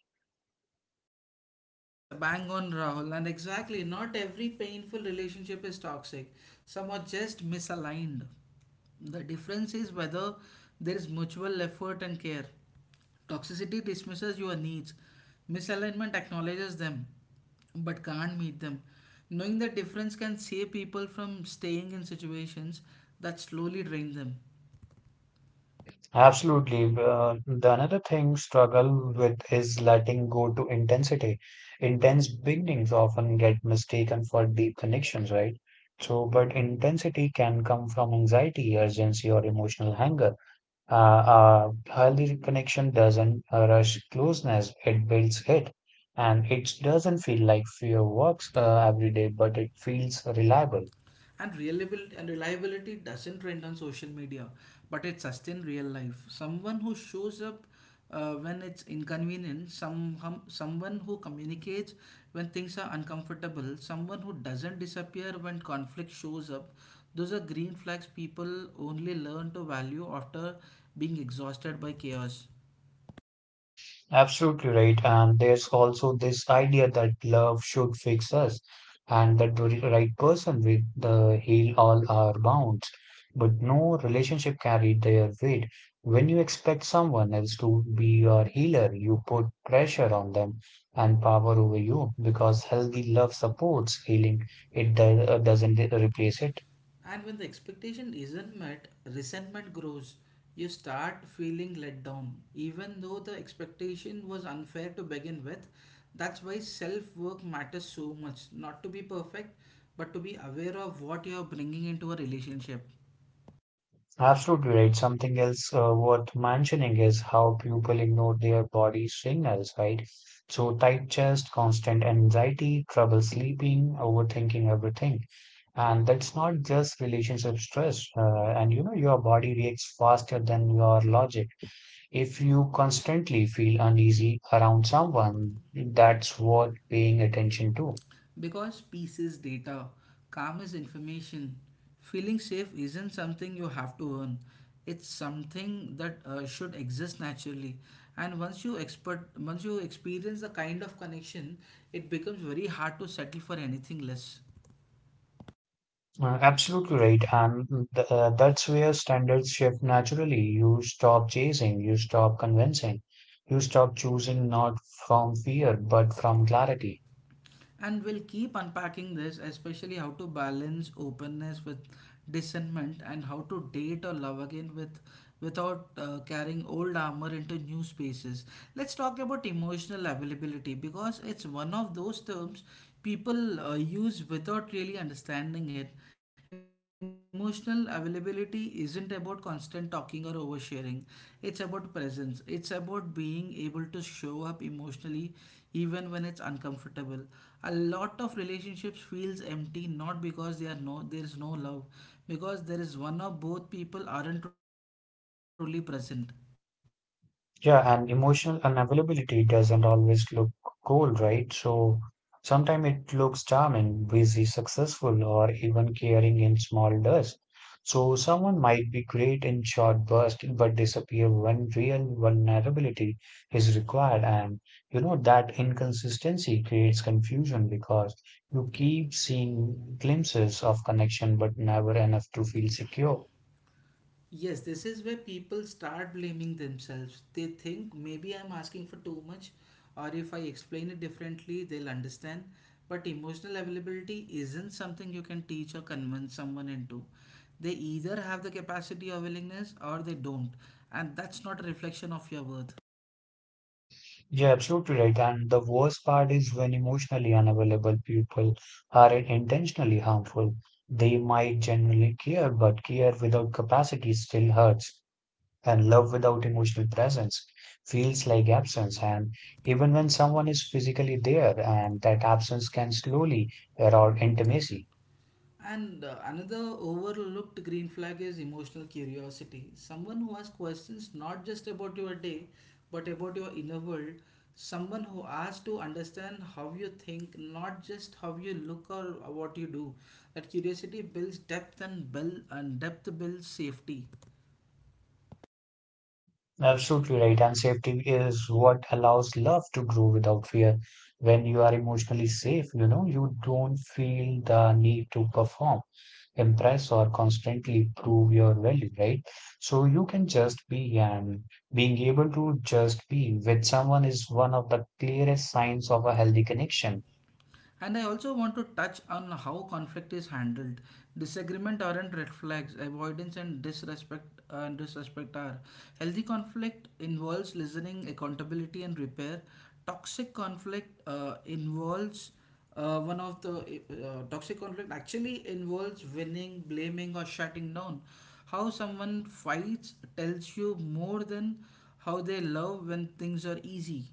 S1: Yes, a bang on, Rahul, and exactly, not every painful relationship is toxic. Some are just misaligned. The difference is whether there is mutual effort and care. Toxicity dismisses your needs, misalignment acknowledges them but can't meet them. Knowing the difference can save people from staying in situations that slowly drain them.
S2: Absolutely. The another thing struggle with is letting go to intensity. Intense beginnings often get mistaken for deep connections, right? So, but intensity can come from anxiety, urgency, or emotional hunger. A healthy connection doesn't rush closeness, it builds it. And it doesn't feel like fear works every day, but it feels reliable.
S1: And reliability doesn't trend on social media, but it sustains real life. Someone who shows up when it's inconvenient, someone who communicates when things are uncomfortable, someone who doesn't disappear when conflict shows up, those are green flags people only learn to value after being exhausted by chaos.
S2: Absolutely right. And there's also this idea that love should fix us and that the right person will the heal all our wounds. But no relationship carried their weight. When you expect someone else to be your healer, you put pressure on them and power over you because healthy love supports healing. It doesn't replace it.
S1: And when the expectation isn't met, resentment grows. You start feeling let down, even though the expectation was unfair to begin with. That's why self work matters so much. Not to be perfect, but to be aware of what you're bringing into a relationship.
S2: Absolutely right. Something else worth mentioning is how people ignore their body signals, right? So, tight chest, constant anxiety, trouble sleeping, overthinking everything. And that's not just relationship stress. And you know, your body reacts faster than your logic. If you constantly feel uneasy around someone, that's worth paying attention to.
S1: Because peace is data, calm is information. Feeling safe isn't something you have to earn. It's something that should exist naturally. And once you experience the kind of connection, it becomes very hard to settle for anything less.
S2: Absolutely right. And th that's where standards shift naturally. You stop chasing, you stop convincing, you stop choosing not from fear, but from clarity.
S1: And we'll keep unpacking this, especially how to balance openness with discernment, and how to date or love again with without carrying old armor into new spaces. Let's talk about emotional availability, because it's one of those terms people use without really understanding it. Emotional availability isn't about constant talking or oversharing. It's about presence. It's about being able to show up emotionally even when it's uncomfortable. A lot of relationships feels empty not because they are no there is no love, because there is one or both people aren't truly present.
S2: Yeah, and emotional unavailability doesn't always look cool, right? So sometimes it looks charming, busy, successful, or even caring in small dust. So someone might be great in short bursts, but disappear when real vulnerability is required. And you know that inconsistency creates confusion because you keep seeing glimpses of connection, but never enough to feel secure.
S1: Yes, this is where people start blaming themselves. They think, maybe I'm asking for too much, or if I explain it differently, they'll understand. But emotional availability isn't something you can teach or convince someone into. They either have the capacity or willingness, or they don't. And that's not a reflection of your worth.
S2: You're absolutely right. And the worst part is when emotionally unavailable people are intentionally harmful. They might genuinely care, but care without capacity still hurts. And love without emotional presence feels like absence. And even when someone is physically there, and that absence can slowly erode intimacy.
S1: And another overlooked green flag is emotional curiosity. Someone who asks questions not just about your day, but about your inner world. Someone who asks to understand how you think, not just how you look or what you do. That curiosity builds depth, and depth builds safety.
S2: Absolutely right. And safety is what allows love to grow without fear. When you are emotionally safe, you know, you don't feel the need to perform impress or constantly prove your value, right? So you can just be, and being able to just be with someone is one of the clearest signs of a healthy connection.
S1: And I also want to touch on how conflict is handled. Disagreement aren't red flags. Avoidance and disrespect are. Healthy conflict involves listening, accountability, and repair. Toxic conflict involves one of the Toxic conflict actually involves winning, blaming, or shutting down. How someone fights tells you more than how they love when things are easy.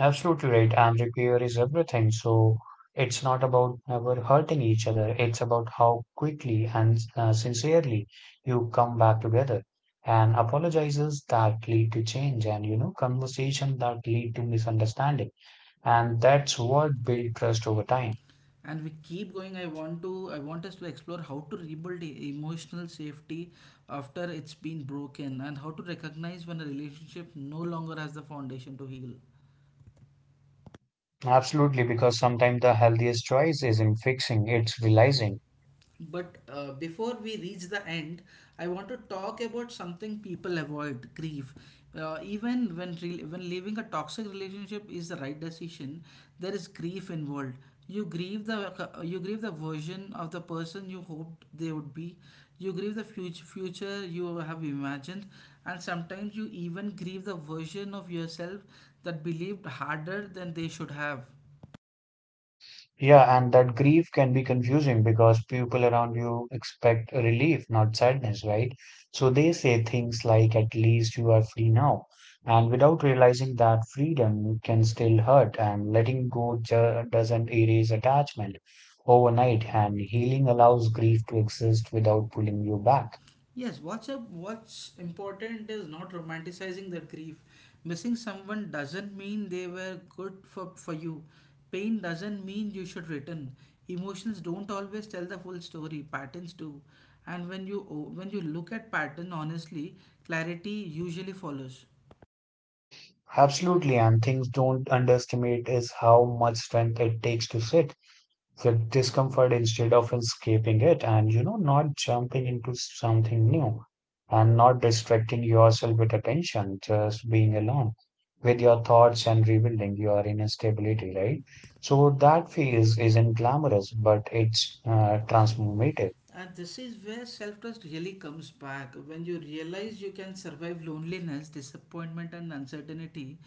S2: Absolutely right. And repair is everything. So it's not about ever hurting each other, it's about how quickly and sincerely you come back together. And apologizes that lead to change, and you know, conversation that lead to misunderstanding. And that's what build trust over time.
S1: And we keep going. I want us to explore how to rebuild emotional safety after it's been broken, and how to recognize when a relationship no longer has the foundation to heal.
S2: Absolutely, because sometimes the healthiest choice isn't fixing, it's realizing.
S1: But before we reach the end, I want to talk about something people avoid, grief. Even when leaving a toxic relationship is the right decision, there is grief involved. You grieve the version of the person you hoped they would be. You grieve the future you have imagined, and sometimes you even grieve the version of yourself that believed harder than they should have.
S2: Yeah, and that grief can be confusing because people around you expect relief, not sadness, right? So they say things like, at least you are free now. And without realizing that freedom can still hurt, and letting go doesn't erase attachment overnight, and healing allows grief to exist without pulling you back.
S1: What's important is not romanticizing the grief. Missing someone doesn't mean they were good for you. Pain doesn't mean you should return. Emotions don't always tell the full story, patterns do. And when you look at pattern honestly, clarity usually follows.
S2: Absolutely, and things don't underestimate is how much strength it takes to sit with discomfort instead of escaping it, and you know, not jumping into something new, and not distracting yourself with attention, just being alone with your thoughts and rebuilding your inner stability, right? So that phase isn't glamorous, but it's transformative.
S1: And this is where self trust really comes back, when you realize you can survive loneliness, disappointment, and uncertainty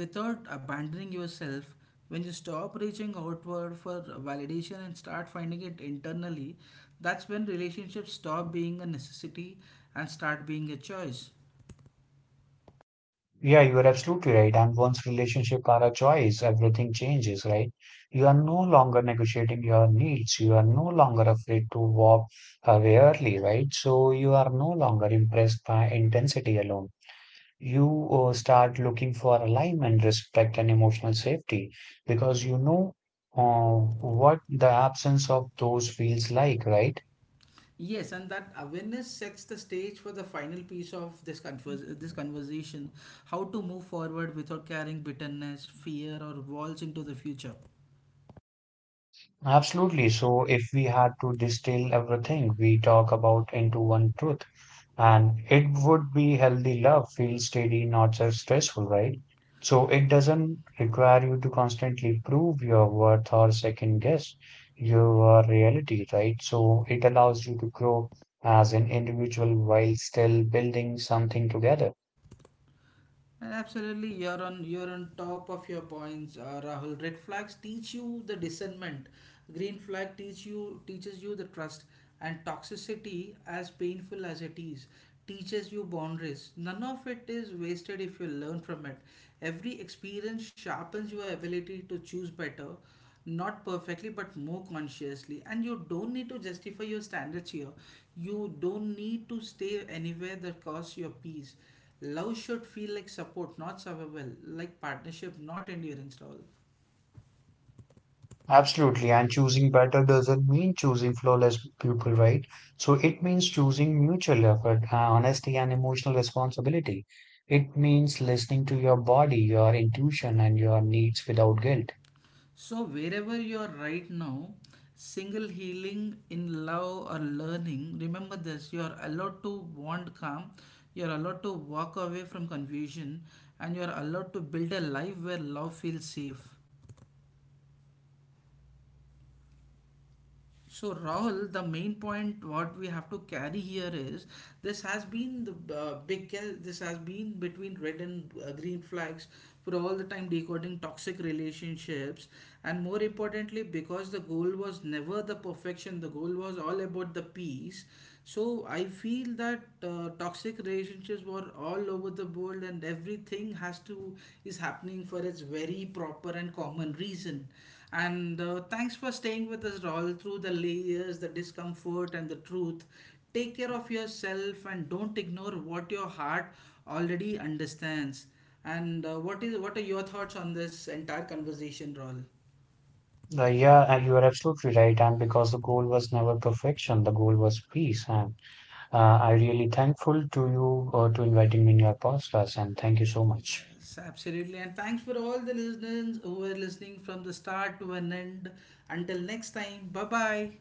S1: without abandoning yourself. When you stop reaching outward for validation and start finding it internally, that's when relationships stop being a necessity and start being a choice.
S2: Yeah, you are absolutely right. And once relationship are a choice, everything changes, right? You are no longer negotiating your needs. You are no longer afraid to walk away early, right? So you are no longer impressed by intensity alone. You start looking for alignment, respect, and emotional safety because you know what the absence of those feels like, right?
S1: Yes, and that awareness sets the stage for the final piece of this conversation: how to move forward without carrying bitterness, fear, or walls into the future.
S2: Absolutely. So if we had to distill everything we talk about into one truth, and it would be healthy love, feel steady, not just stressful, right? So it doesn't require you to constantly prove your worth or second guess your reality, right? So it allows you to grow as an individual while still building something together.
S1: And absolutely, you're on top of your points, Rahul. Red flags teach you the discernment. Green flag teaches you the trust, and toxicity, as painful as it is, teaches you boundaries. None of it is wasted if you learn from it. Every experience sharpens your ability to choose better, not perfectly but more consciously. And you don't need to justify your standards here, you don't need to stay anywhere that costs your peace. Love should feel like support, not survival, like partnership, not endurance, lol.
S2: Absolutely, and choosing better doesn't mean choosing flawless people, right? So it means choosing mutual effort, honesty, and emotional responsibility. It means listening to your body, your intuition, and your needs without guilt.
S1: So wherever you are right now, single, healing, in love, or learning, remember this: you are allowed to want calm, you are allowed to walk away from confusion, and you are allowed to build a life where love feels safe. So Rahul, the main point what we have to carry here is, this has been the uh, big this has been between red and green flags, for all the time decoding toxic relationships. And more importantly, because the goal was never the perfection, the goal was all about the peace. So I feel that toxic relationships were all over the world, and everything has to is happening for its very proper and common reason. And thanks for staying with us all through the layers, the discomfort, and the truth. Take care of yourself and don't ignore what your heart already understands. And what are your thoughts on this entire conversation, Raul?
S2: Yeah, and you are absolutely right. And because the goal was never perfection, the goal was peace. And I really thankful to you to inviting me in your podcast, and thank you so much.
S1: Yes, absolutely. And thanks for all the listeners who were listening from the start to an end. Until next time, bye bye.